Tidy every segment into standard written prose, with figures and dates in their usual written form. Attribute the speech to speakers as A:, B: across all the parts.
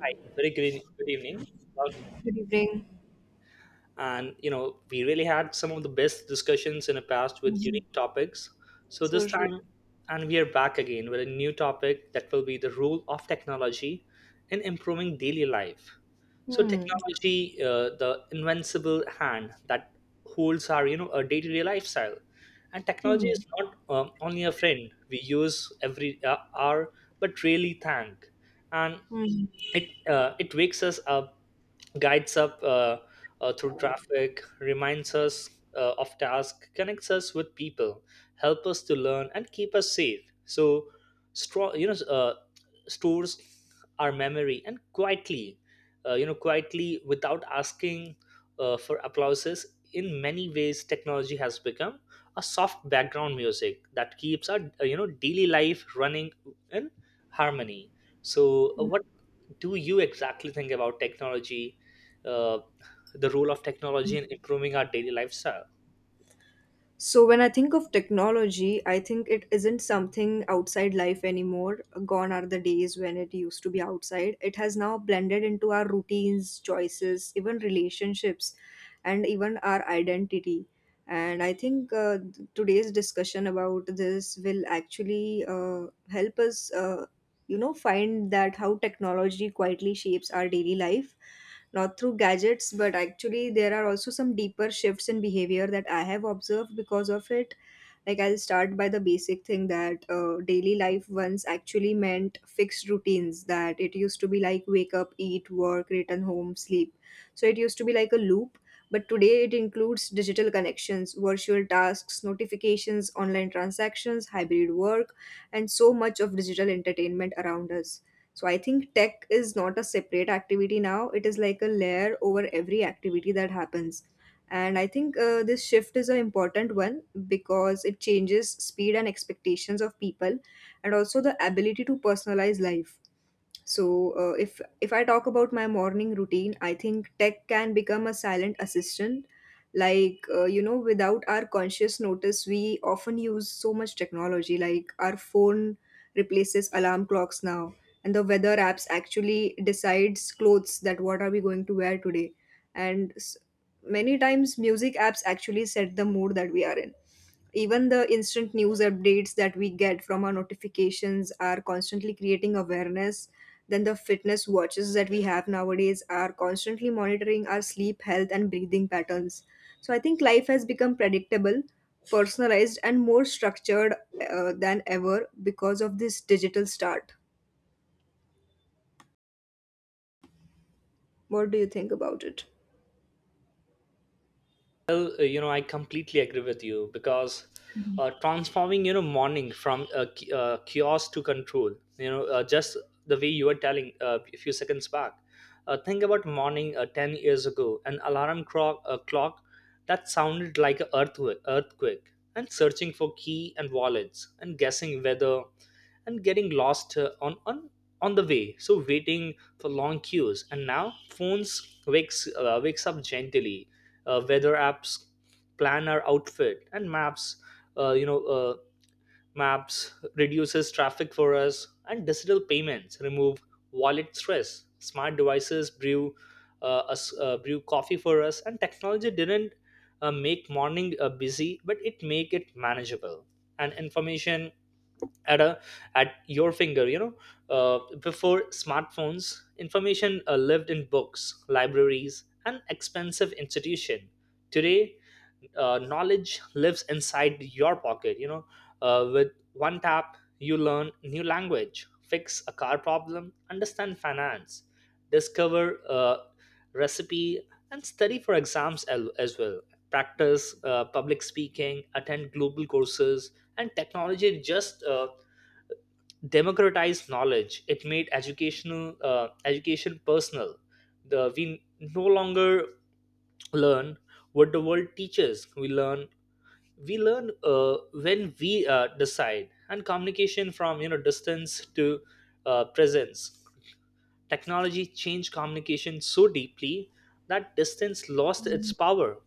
A: Hi, very good, good evening. Welcome.
B: Good evening.
A: And you know, we really had some of the best discussions in the past with
B: Mhm.
A: unique topics. So
B: So,
A: this
B: Ru-
A: time, and we are back again with a new topic that will be the role of technology in improving daily life. So
B: hmm,
A: technology, the invincible hand that holds our you know a day-to-day lifestyle, and technology
B: hmm,
A: is not only a friend we use every hour, but really thank and
B: hmm.
A: it it wakes us up, guides up through traffic, reminds us of tasks, connects us with people, help us to learn, and keep us safe. So, strong, you know, stores our memory and quietly, you know, quietly without asking for applauses. In many ways, technology has become a soft background music that keeps our you know daily life running in harmony. So,
B: Hmm.
A: what do you exactly think about technology, uh, the role of technology in improving our daily lifestyle?
B: So when I think of technology, I think it isn't something outside life anymore. Gone are the days when it used to be outside. It has now blended into our routines, choices, even relationships, and even our identity. And I think today's discussion about this will actually help us find that how technology quietly shapes our daily life, not through gadgets, but actually there are also some deeper shifts in behavior that I have observed because of it. Like, I'll start by the basic thing that daily life once actually meant fixed routines, that it used to be like wake up, eat, work, return home, sleep. So it used to be like a loop, but today it includes digital connections, virtual tasks, notifications, online transactions, hybrid work, and so much of digital entertainment around us. So I think tech is not a separate activity now, it is like a layer over every activity that happens. And I think this shift is an important one because it changes speed and expectations of people, and also the ability to personalize life. So if I talk about my morning routine, I think tech can become a silent assistant, like without our conscious notice we often use so much technology, like our phone replaces alarm clocks now, and the weather apps actually decides clothes, that what are we going to wear today. And many times music apps actually set the mood that we are in. Even the instant news updates that we get from our notifications are constantly creating awareness. Then the fitness watches that we have nowadays are constantly monitoring our sleep, health, and breathing patterns. So I think life has become predictable, personalized, and more structured, than ever, because of this digital start. What do you think about it?
A: Well, you know, I completely agree with you because transforming, you know, morning from chaos to control, you know, just the way you were telling a few seconds back. Think about morning 10 years ago, an alarm clock, clock that sounded like an earthquake, and searching for key and wallets, and guessing whether, and getting lost on the way. So waiting for long queues, and now phones wakes wakes up gently, weather apps plan our outfit, and maps uh, you know uh, maps reduces traffic for us, and digital payments remove wallet stress, smart devices brew us brew coffee for us, and technology didn't make morning busy but it make it manageable. And information at a at your finger you know, before smartphones information lived in books, libraries and expensive institution. Today, knowledge lives inside your pocket, you know. With one tap you learn new language, fix a car problem, understand finance, discover a recipe, and study for exams as well, practice public speaking, attend global courses, and technology just democratized knowledge. It made educational education personal. The We no longer learn what the world teaches, we learn when we decide. And communication from you know distance to presence, technology changed communication so deeply that distance lost its power.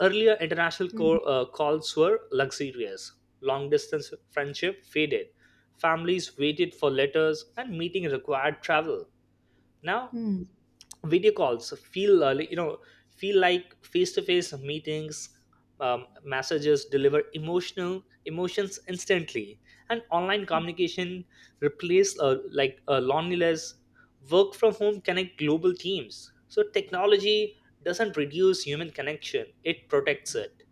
A: Earlier international
B: Mhm.
A: calls were luxurious. Long distance friendship faded. Families waited for letters and meeting required travel. Now
B: Mhm.
A: video calls feel feel like face to face meetings. Messages deliver emotional emotions instantly, and online communication replace loneliness. Work from home connect global teams. So technology doesn't reduce human connection; it protects it,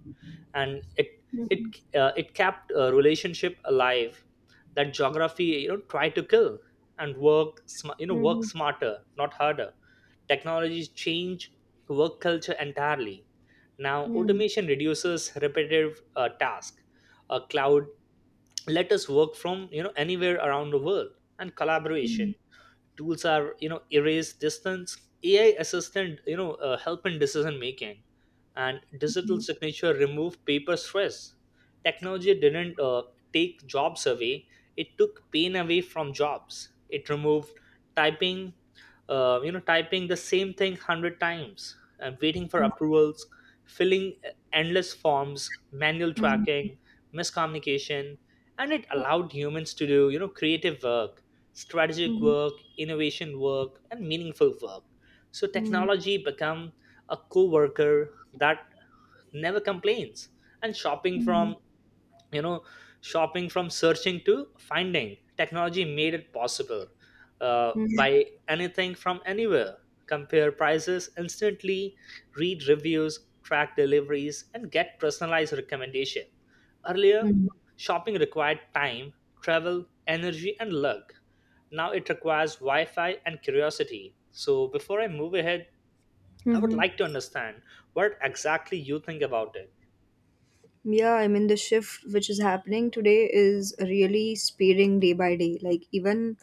A: and it
B: Mhm.
A: it kept a relationship alive that geography you know tried to kill. And work you know work
B: Mhm.
A: smarter not harder, technologies change work culture entirely. Now
B: Mhm.
A: automation reduces repetitive task, a cloud let us work from you know anywhere around the world, and collaboration
B: Mhm.
A: tools are you know erase distance, ai assistant you know help in decision making, and digital signature remove paper stress. Technology didn't take jobs away, it took pain away from jobs. It removed typing, you know typing the same thing 100 times and waiting for approvals, filling endless forms, manual
B: Mhm.
A: tracking, miscommunication, and it allowed humans to do you know creative work, strategic
B: Mhm.
A: work, innovation work, and meaningful work. So
B: Mhm.
A: technology become a co-worker that never complains. And shopping from
B: Mhm.
A: you know shopping from searching to finding, technology made it possible
B: Mhm.
A: by anything from anywhere, compare prices instantly, read reviews, track deliveries, and get personalized recommendation. Earlier
B: Mhm.
A: shopping required time, travel, energy and luck, now it requires Wi Fi and curiosity. So before I move ahead, I would
B: Mhm.
A: like to understand what exactly you think about it.
B: Yeah, I mean, the shift which is happening today is really speeding day by day. Like, even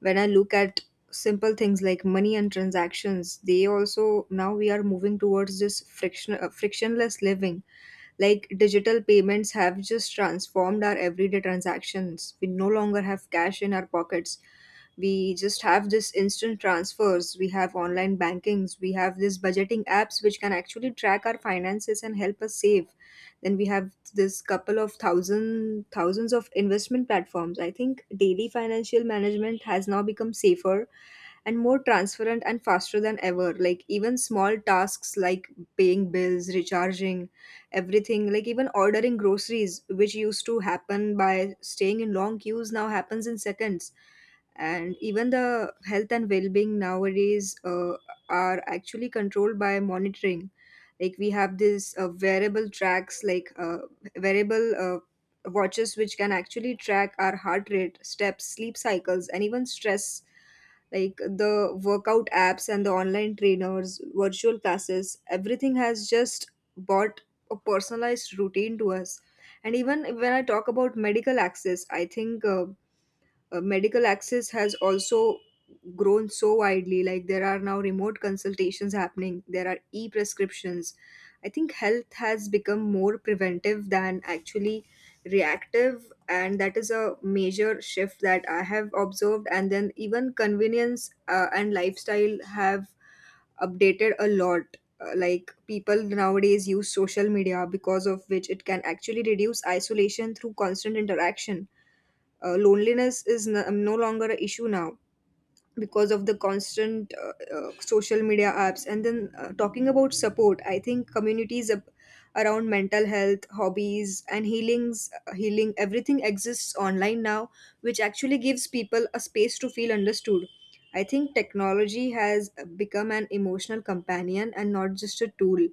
B: when I look at simple things like money and transactions, they also, now we are moving towards this frictionless living. Like, digital payments have just transformed our everyday transactions. We no longer have cash in our pockets. We just have this instant transfers. We have online bankings. We have these budgeting apps which can actually track our finances and help us save. Then we have this couple of thousands of investment platforms. I think daily financial management has now become safer and more transparent and faster than ever. Like, even small tasks like paying bills, recharging everything, like even ordering groceries, which used to happen by staying in long queues, now happens in seconds. And even the health and well-being nowadays are actually controlled by monitoring. Like, we have this wearable tracks like wearable watches, which can actually track our heart rate, steps, sleep cycles, and even stress. Like, the workout apps and the online trainers, virtual classes, everything has just bought a personalized routine to us. And even when I talk about medical access, I think medical access has also grown so widely. Like, there are now remote consultations happening, there are e-prescriptions. I think health has become more preventive than actually reactive, and that is a major shift that I have observed. And then even convenience and lifestyle have updated a lot. Like people nowadays use social media, because of which it can actually reduce isolation through constant interaction. Loneliness is no longer an issue now, because of the constant social media apps. And then talking about support, I think communities around mental health, hobbies, and healing, everything exists online now, which actually gives people a space to feel understood. I think technology has become an emotional companion and not just a tool.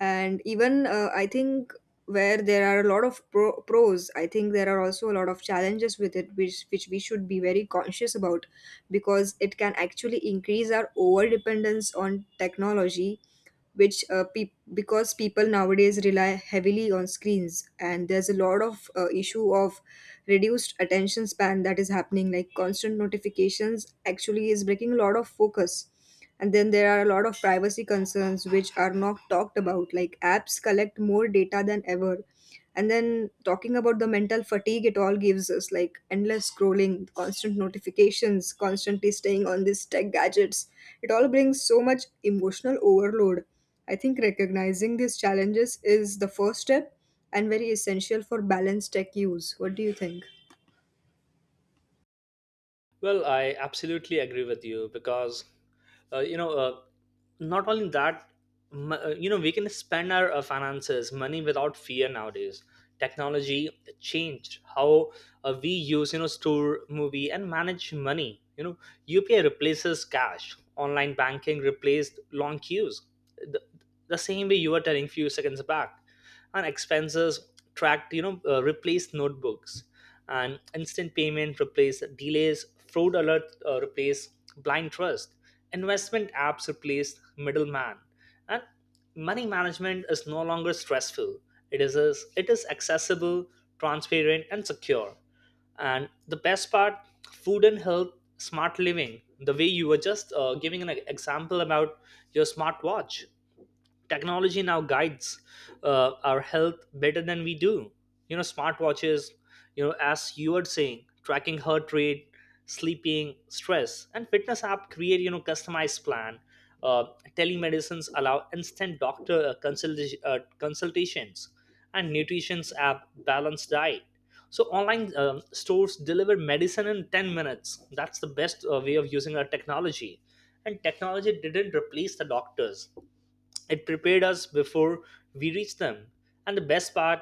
B: And even I think where there are a lot of pros, I think there are also a lot of challenges with it, which we should be very conscious about, because it can actually increase our over dependence on technology, which because people nowadays rely heavily on screens, and there's a lot of issue of reduced attention span that is happening. Like, constant notifications actually is breaking a lot of focus. And then there are a lot of privacy concerns which are not talked about, like apps collect more data than ever. And then talking about the mental fatigue it all gives us, like endless scrolling, constant notifications, constantly staying on these tech gadgets, it all brings so much emotional overload. I think recognizing these challenges is the first step and very essential for balanced tech use. What do you think?
A: Well, I absolutely agree with you because, uh, you know, uh, not only that, you know, we can spend our finances, money without fear nowadays. Technology changed how we use, you know, store, movie, and manage money. You know, UPI replaces cash. Online banking replaced long queues. The, the same way you were telling few seconds back, and expenses tracked you know replace notebooks, and instant payment replace delays, fraud alert replace blind trust, investment apps replace middleman, and money management is no longer stressful, it is it is accessible, transparent and secure. And the best part, food and health, smart living, the way you were just giving an example about your smartwatch, technology now guides our health better than we do, you know. Smartwatches, you know, as you were saying, tracking heart rate, sleeping, stress, and fitness app create you know customized plan, uh, telemedicines allow instant doctor consultations, and nutrition's app balanced diet. So online stores deliver medicine in 10 minutes, that's the best way of using our technology. And technology didn't replace the doctors, it prepared us before we reached them. And the best part,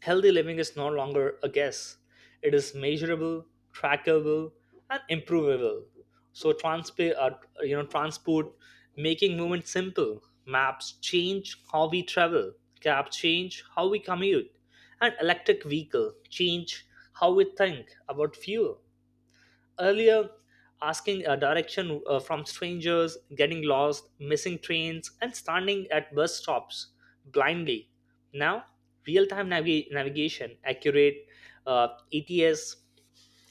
A: healthy living is no longer a guess, it is measurable, trackable, and improvable. So, you know, transport, making movement simple. Maps change how we travel, cab change how we commute, and electric vehicle change how we think about fuel. Earlier, asking a direction from strangers, getting lost, missing trains, and standing at bus stops blindly. Now real-time navigation, accurate ets,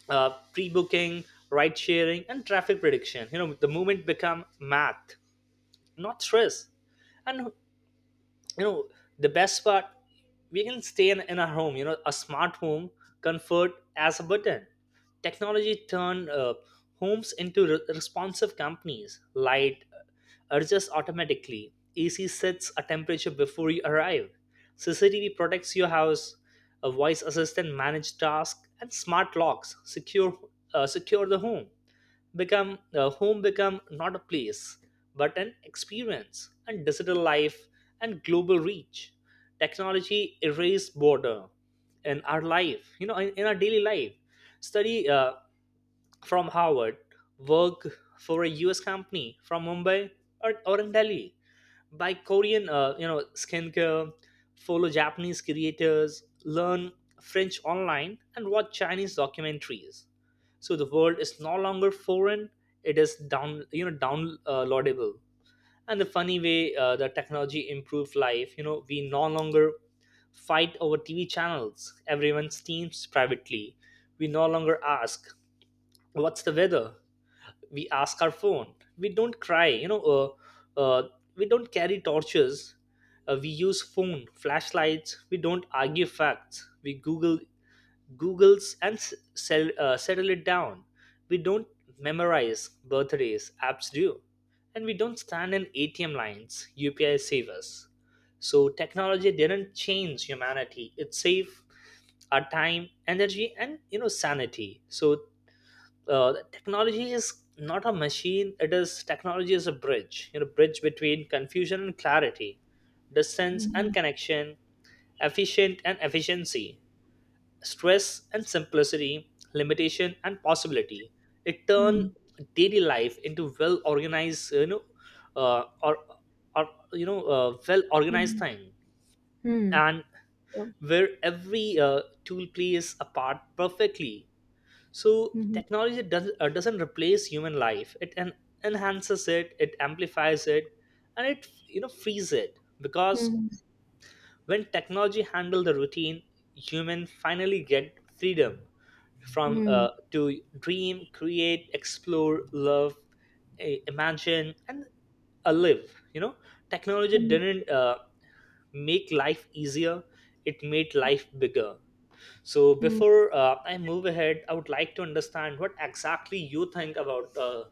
A: pre-booking, ride sharing and traffic prediction, you know the movement become math, not stress. And you know the best part, we can stay in our home, you know, a smart home, comfort as a button. Technology turned homes into responsive companies, light adjusts automatically, ac sets a temperature before you arrive, cctv protects your house, a voice assistant manage tasks, and smart locks secure secure the home, become home become not a place but an experience. And digital life and global reach, technology erase border in our life, you know, in our daily life. Study from Harvard, work for a US company from Mumbai or in Delhi, buy Korean you know skincare, follow Japanese creators, learn French online, and watch Chinese documentaries. So the world is no longer foreign, it is down you know downloadable. And the funny way the technology improved life, you know we no longer fight over tv channels, everyone streams privately. We no longer ask what's the weather, we ask our phone. We don't cry you know we don't carry torches, we use phone flashlights. We don't argue facts, we google, googles and sell, settle it down. We don't memorize birthdays, apps do. And we don't stand in atm lines, upi save us. So technology didn't change humanity, it saved our time, energy and you know sanity. So technology is not a machine, it is technology is a bridge, you know, bridge between confusion and clarity, distance and
B: Hmm.
A: connection, efficient and efficiency, stress and simplicity, limitation and possibility. It turn
B: Hmm.
A: daily life into well organized, you know, uh, or well organized
B: Hmm.
A: thing,
B: Hmm.
A: and
B: Yeah.
A: where every tool plays a part perfectly. So
B: Hmm.
A: technology doesn't replace human life. It enhances it, it amplifies it, and it you know frees it. Because
B: Hmm.
A: when technology handle the routine, human finally get freedom from
B: Hmm.
A: to dream, create, explore, love, imagine, and live. You know, technology
B: Hmm.
A: didn't make life easier, it made life bigger. So
B: Hmm.
A: before I move ahead, I would like to understand what exactly you think about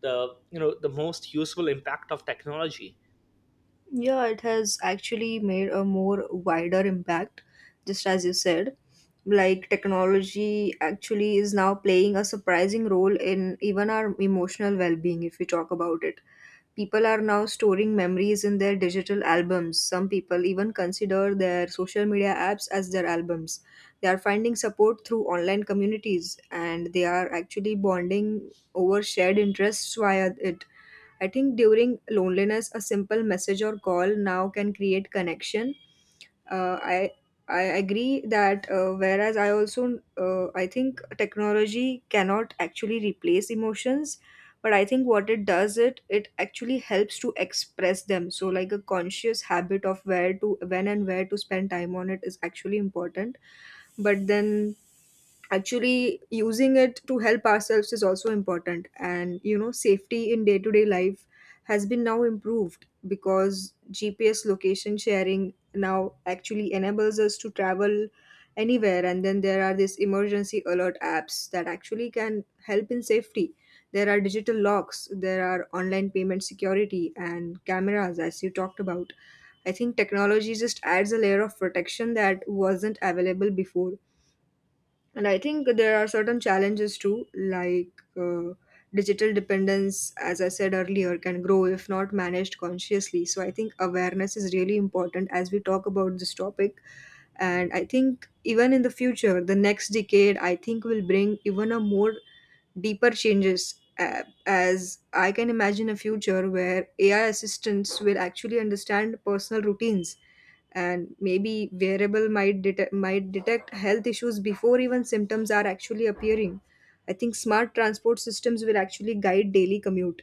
A: the you know the most useful impact of technology.
B: Yeah, it has actually made a more wider impact, just as you said. Like, technology actually is now playing a surprising role in even our emotional well being, if we talk about it. People are now storing memories in their digital albums. Some people even consider their social media apps as their albums. They are finding support through online communities, and they are actually bonding over shared interests via it. I think during loneliness, a simple message or call now can create connection. Uh, I I agree that whereas I also I think technology cannot actually replace emotions, but I think what it does, it actually helps to express them. So, like a conscious habit of where to, when and where to spend time on it, is actually important. But then, actually using it to help ourselves is also important. And you know, safety in day to day life has been now improved, because GPS location sharing now actually enables us to travel anywhere. And then there are these emergency alert apps that actually can help in safety. There are digital locks, there are online payment security and cameras, as you talked about. I think technology just adds a layer of protection that wasn't available before. And I think there are certain challenges too, like uh, digital dependence, as I said earlier, can grow if not managed consciously. So I think awareness is really important as we talk about this topic. And I think even in the future, the next decade, I think will bring even a more deeper changes. As I can imagine a future where AI assistants will actually understand personal routines, and maybe wearable might detect health issues before even symptoms are actually appearing. I think smart transport systems will actually guide daily commute,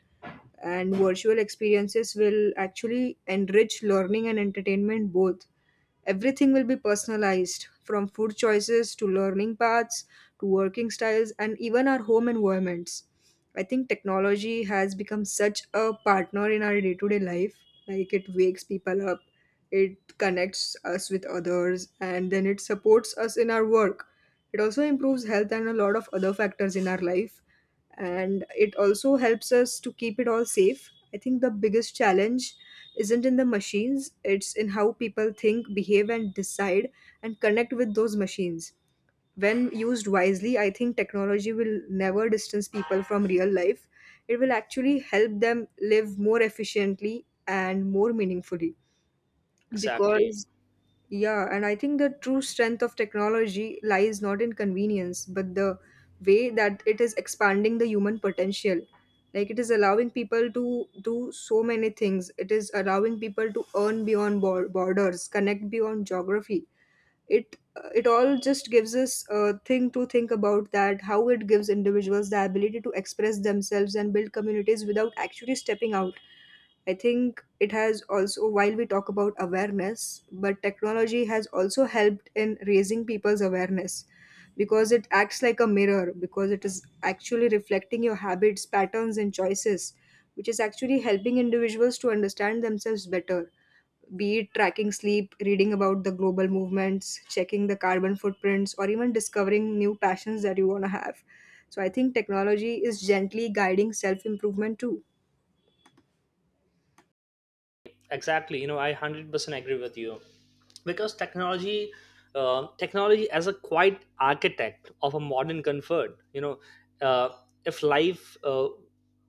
B: and virtual experiences will actually enrich learning and entertainment both. Everything will be personalized, from food choices to learning paths, to working styles, and even our home environments. I think technology has become such a partner in our day to day life. Like, it wakes people up, it connects us with others, and then it supports us in our work. It also improves health and a lot of other factors in our life. And it also helps us to keep it all safe. I think the biggest challenge isn't in the machines, it's in how people think, behave, and decide and connect with those machines. When used wisely, I think technology will never distance people from real life. It will actually help them live more efficiently and more meaningfully,
A: Exactly,
B: because yeah, and I think the true strength of technology lies not in convenience, but the way that it is expanding the human potential. Like, it is allowing people to do so many things. It is allowing people to earn beyond borders, connect beyond geography. It all just gives us a thing to think about, that how it gives individuals the ability to express themselves and build communities without actually stepping out. I think it has also, while we talk about awareness, but technology has also helped in raising people's awareness, because it acts like a mirror, because it is actually reflecting your habits, patterns, and choices, which is actually helping individuals to understand themselves better. Be it tracking sleep, reading about the global movements, checking the carbon footprints, or even discovering new passions that you want to have. So I think technology is gently guiding self improvement too.
A: exactly. You know, I 100% agree with you. Because technology, as a quiet architect of a modern comfort, you know, uh, if life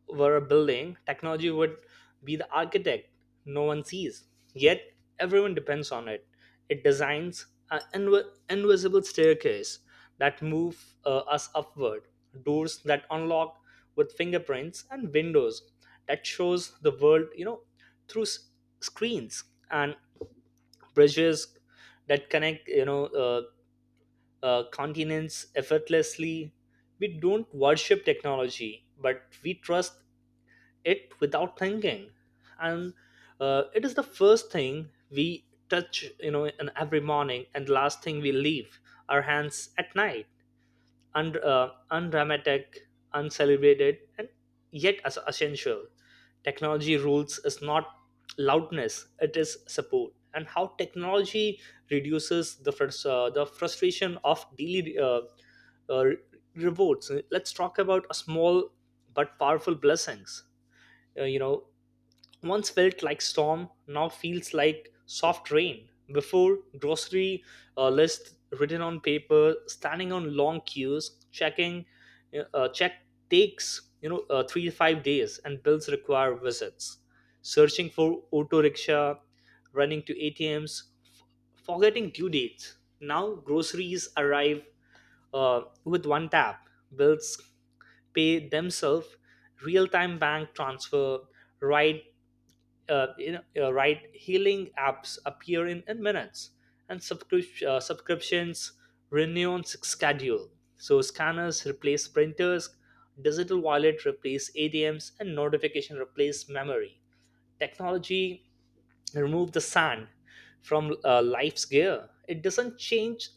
A: were a building, technology would be the architect no one sees yet everyone depends on. It designs an invisible staircase that move us upward, doors that unlock with fingerprints, and windows that shows the world you know through screens, and bridges that connect you know continents effortlessly. We don't worship technology but we trust it without thinking. And it is the first thing we touch you know in every morning and last thing we leave our hands at night, undramatic, uncelebrated, and yet as essential. Technology rules is not loudness, it is support. And how technology reduces the the frustration of daily uh, rewards. Let's talk about a small but powerful blessings. Uh, you know, once felt like storm now feels like soft rain before grocery list written on paper, standing on long queues, checking check takes 3 to 5 days, and bills require visits, searching for auto rickshaw, running to atms, forgetting due dates. Now groceries arrive with one tap, bills pay themselves, real-time bank transfer, ride right, healing apps appear in minutes, and subscriptions renew on schedule. So scanners replace printers, digital wallet replace adms, and notification replace memory. Technology remove the sand from life's gear. It doesn't change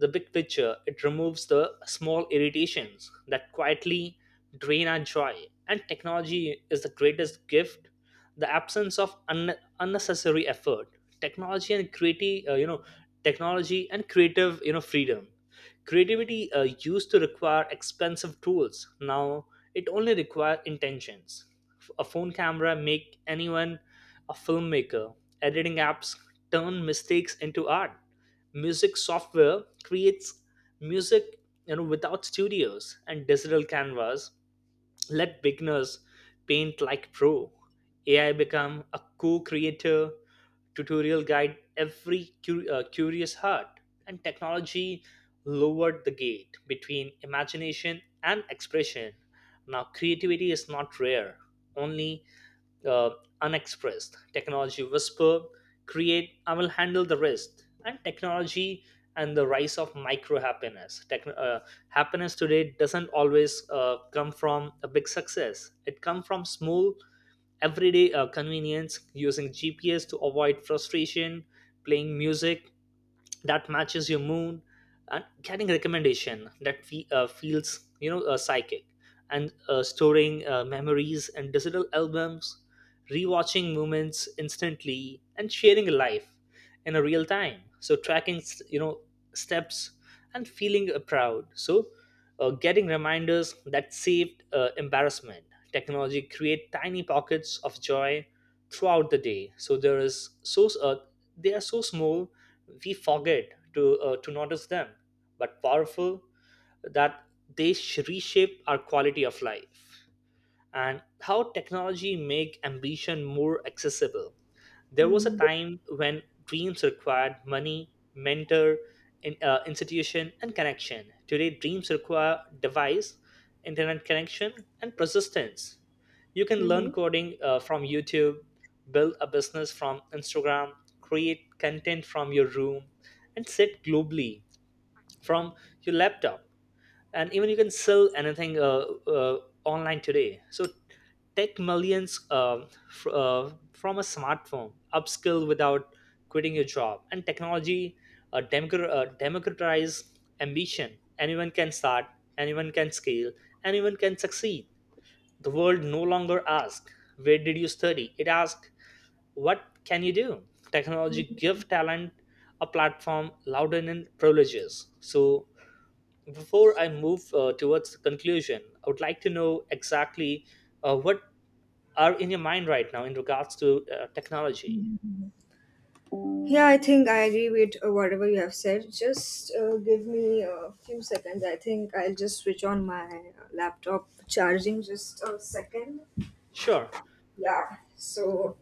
A: the big picture, it removes the small irritations that quietly drain our joy. And technology is the greatest gift, the absence of unnecessary effort. Technology and creative, uh, you know, Technology and creative, freedom. Creativity used to require expensive tools. Now it only requires intentions. A phone camera make anyone a filmmaker. Editing apps turn mistakes into art, music software creates music, without studios, and digital canvas let beginners paint like pro, ai become a co-creator, tutorial guide every curious heart. And technology lowered the gate between imagination and expression. Now creativity is not rare, only uh, unexpressed. Technology whisper, create, I will handle the rest. And technology and the rise of micro happiness. Happiness today doesn't always come from a big success. It comes from small, everyday convenience, using GPS to avoid frustration, playing music that matches your moon, and getting recommendation that feels psychic, and storing memories in digital albums, rewatching moments instantly, and sharing life in a real time, so tracking steps and feeling proud, so getting reminders that saved embarrassment. Technology create tiny pockets of joy throughout the day. So there is so they are so small we forget to notice them, but powerful that they reshape our quality of life. And how technology make ambition more accessible. There was a
B: Mm-hmm.
A: time when dreams required money, mentor, institution, and connection. Today, dreams require device, internet connection, and persistence. You can
B: Mm-hmm.
A: learn coding from YouTube, build a business from Instagram, create content from your room, and sit globally from your laptop, and even you can sell anything uh, online today. So tech millions from a smartphone, upskill without quitting your job. And technology democratize ambition. Anyone can start, anyone can scale, anyone can succeed. The world no longer asks, where did you study? It asks, what can you do? Technology give talent a platform louder than privileges. So before I move towards the conclusion, I would like to know exactly what are in your mind right now in regards to technology.
B: Yeah, I think I agree with whatever you have said. Just give me a few seconds. I think I'll just switch on my laptop charging just a second.
A: Sure.
B: Yeah. So,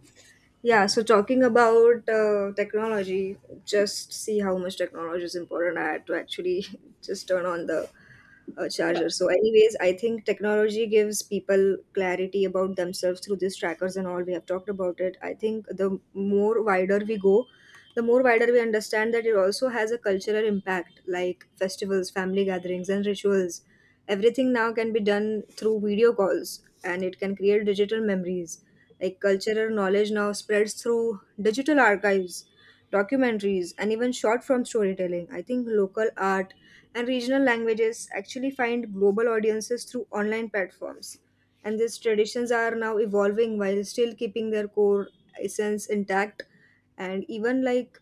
B: yeah, so talking about technology, just see how much technology is important. I had to actually just turn on the
A: Yeah.
B: charger. So, anyways, I think technology gives people clarity about themselves through these trackers and all. We have talked about it. I think the more wider we go, the more wider we understand that it also has a cultural impact, like festivals, family gatherings, and rituals. Everything now can be done through video calls, and it can create digital memories. Like cultural knowledge now spreads through digital archives, documentaries, and even short form storytelling. I think local art and regional languages actually find global audiences through online platforms. And these traditions are now evolving while still keeping their core essence intact. And even like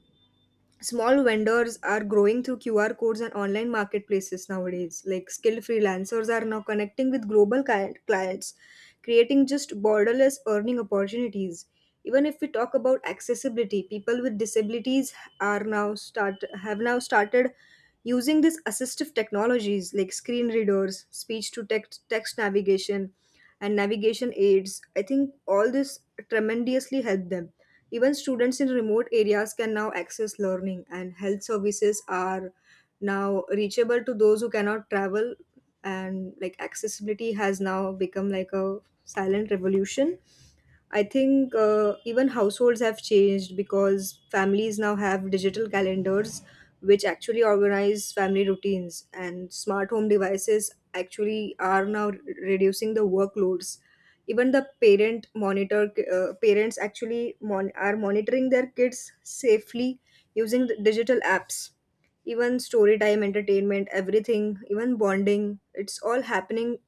B: small vendors are growing through QR codes and online marketplaces nowadays. Like skilled freelancers are now connecting with global clients, creating just borderless earning opportunities. Even if we talk about accessibility, people with disabilities are now start have now started using these assistive technologies like screen readers, speech to text navigation, and navigation aids. I think all this tremendously helped them. Even students in remote areas can now access learning, and health services are now reachable to those who cannot travel. And like accessibility has now become like a silent revolution. I think even households have changed because families now have digital calendars which actually organize family routines, and smart home devices actually are now reducing the workloads. Even the parents actually are monitoring their kids safely using the digital apps. Even story time, entertainment, everything, even bonding, it's all happening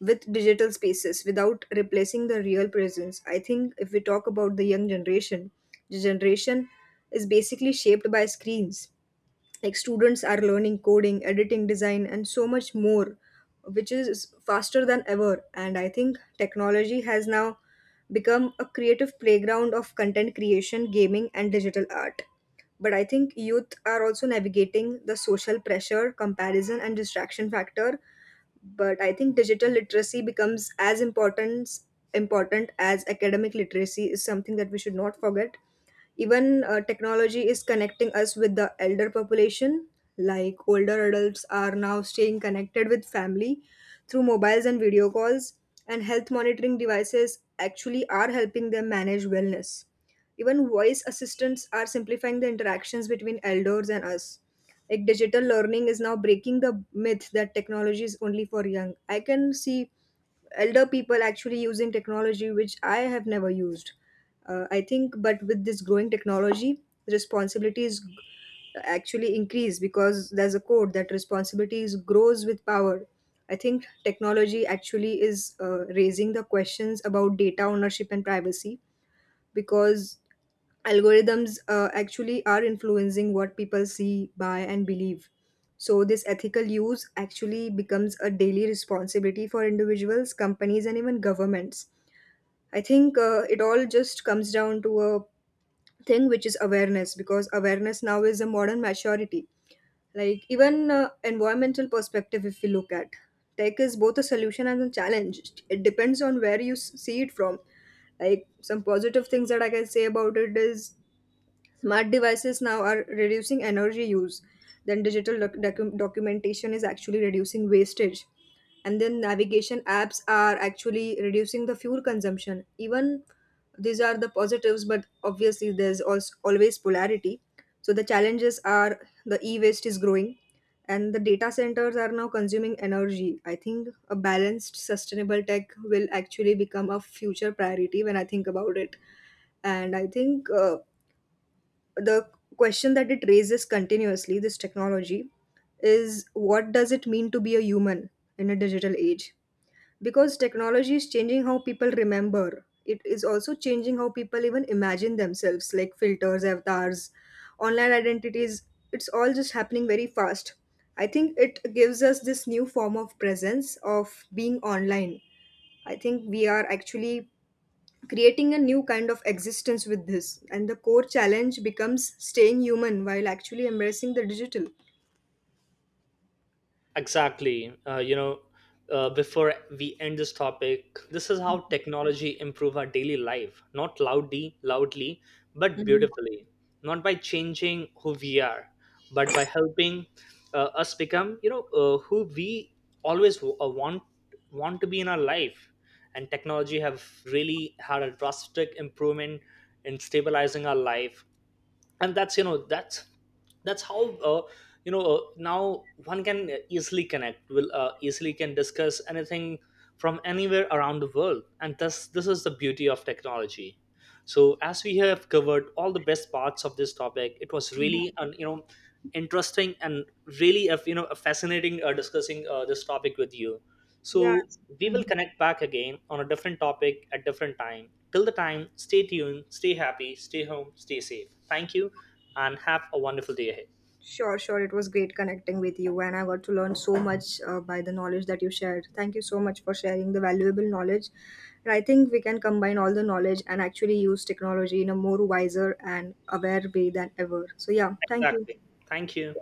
B: with digital spaces without replacing the real presence. I think if we talk about the young generation, the generation is basically shaped by screens. Like students are learning coding, editing, design, and so much more, which is faster than ever. And I think technology has now become a creative playground of content creation, gaming, and digital art. But I think youth are also navigating the social pressure, comparison, and distraction factor, but I think digital literacy becomes as important as academic literacy is something that we should not forget. Even technology is connecting us with the elder population, like older adults are now staying connected with family through mobiles and video calls, and health monitoring devices actually are helping them manage wellness. Even voice assistants are simplifying the interactions between elders and us. Like digital learning is now breaking the myth that technology is only for young. I can see elder people actually using technology which I have never used. I think, but with this growing technology, responsibilities actually increase because there's a code that responsibilities grows with power. I think technology actually is raising the questions about data ownership and privacy, because algorithms actually are influencing what people see, buy, and believe. So, this ethical use actually becomes a daily responsibility for individuals, companies, and even governments. I think it all just comes down to a thing which is awareness, because awareness now is a modern maturity. Like, even environmental perspective, if we look at tech, is both a solution and a challenge. It depends on where you see it from. Like, some positive things that I can say about it is smart devices now are reducing energy use. Then digital documentation is actually reducing wastage. And then navigation apps are actually reducing the fuel consumption. Even these are the positives, but obviously there's also always polarity. So the challenges are the e-waste is growing and the data centers are now consuming energy. I think a balanced sustainable tech will actually become a future priority when I think about it. And I think the question that it raises continuously, this technology, is what does it mean to be a human in a digital age? Because technology is changing how people remember. It is also changing how people even imagine themselves, like filters, avatars, online identities. It's all just happening very fast. I think it gives us this new form of presence of being online. I think we are actually creating a new kind of existence with this, and the core challenge becomes staying human while actually embracing the digital.
A: Exactly. Before we end this topic, this is how technology improve our daily life, not loudly, loudly, but beautifully. Not by changing who we are, but by helping us become, who we always want to be in our life. And technology have really had a drastic improvement in stabilizing our life, and that's that's how uh, now one can easily connect, will easily can discuss anything from anywhere around the world, and thus this is the beauty of technology. So as we have covered all the best parts of this topic, it was really an, interesting, and really a, a fascinating discussing this topic with you.
B: Yeah.
A: So we will connect back again on a different topic at different time. Till the time, stay tuned, stay happy, stay home, stay safe. Thank you, and have a wonderful day ahead.
B: Sure, sure, it was great connecting with you, and I got to learn so much by the knowledge that you shared. Thank you so much for sharing the valuable knowledge, and I think we can combine all the knowledge and actually use technology in a more wiser and aware way than ever. So yeah, thank you.
A: Exactly. Thank you.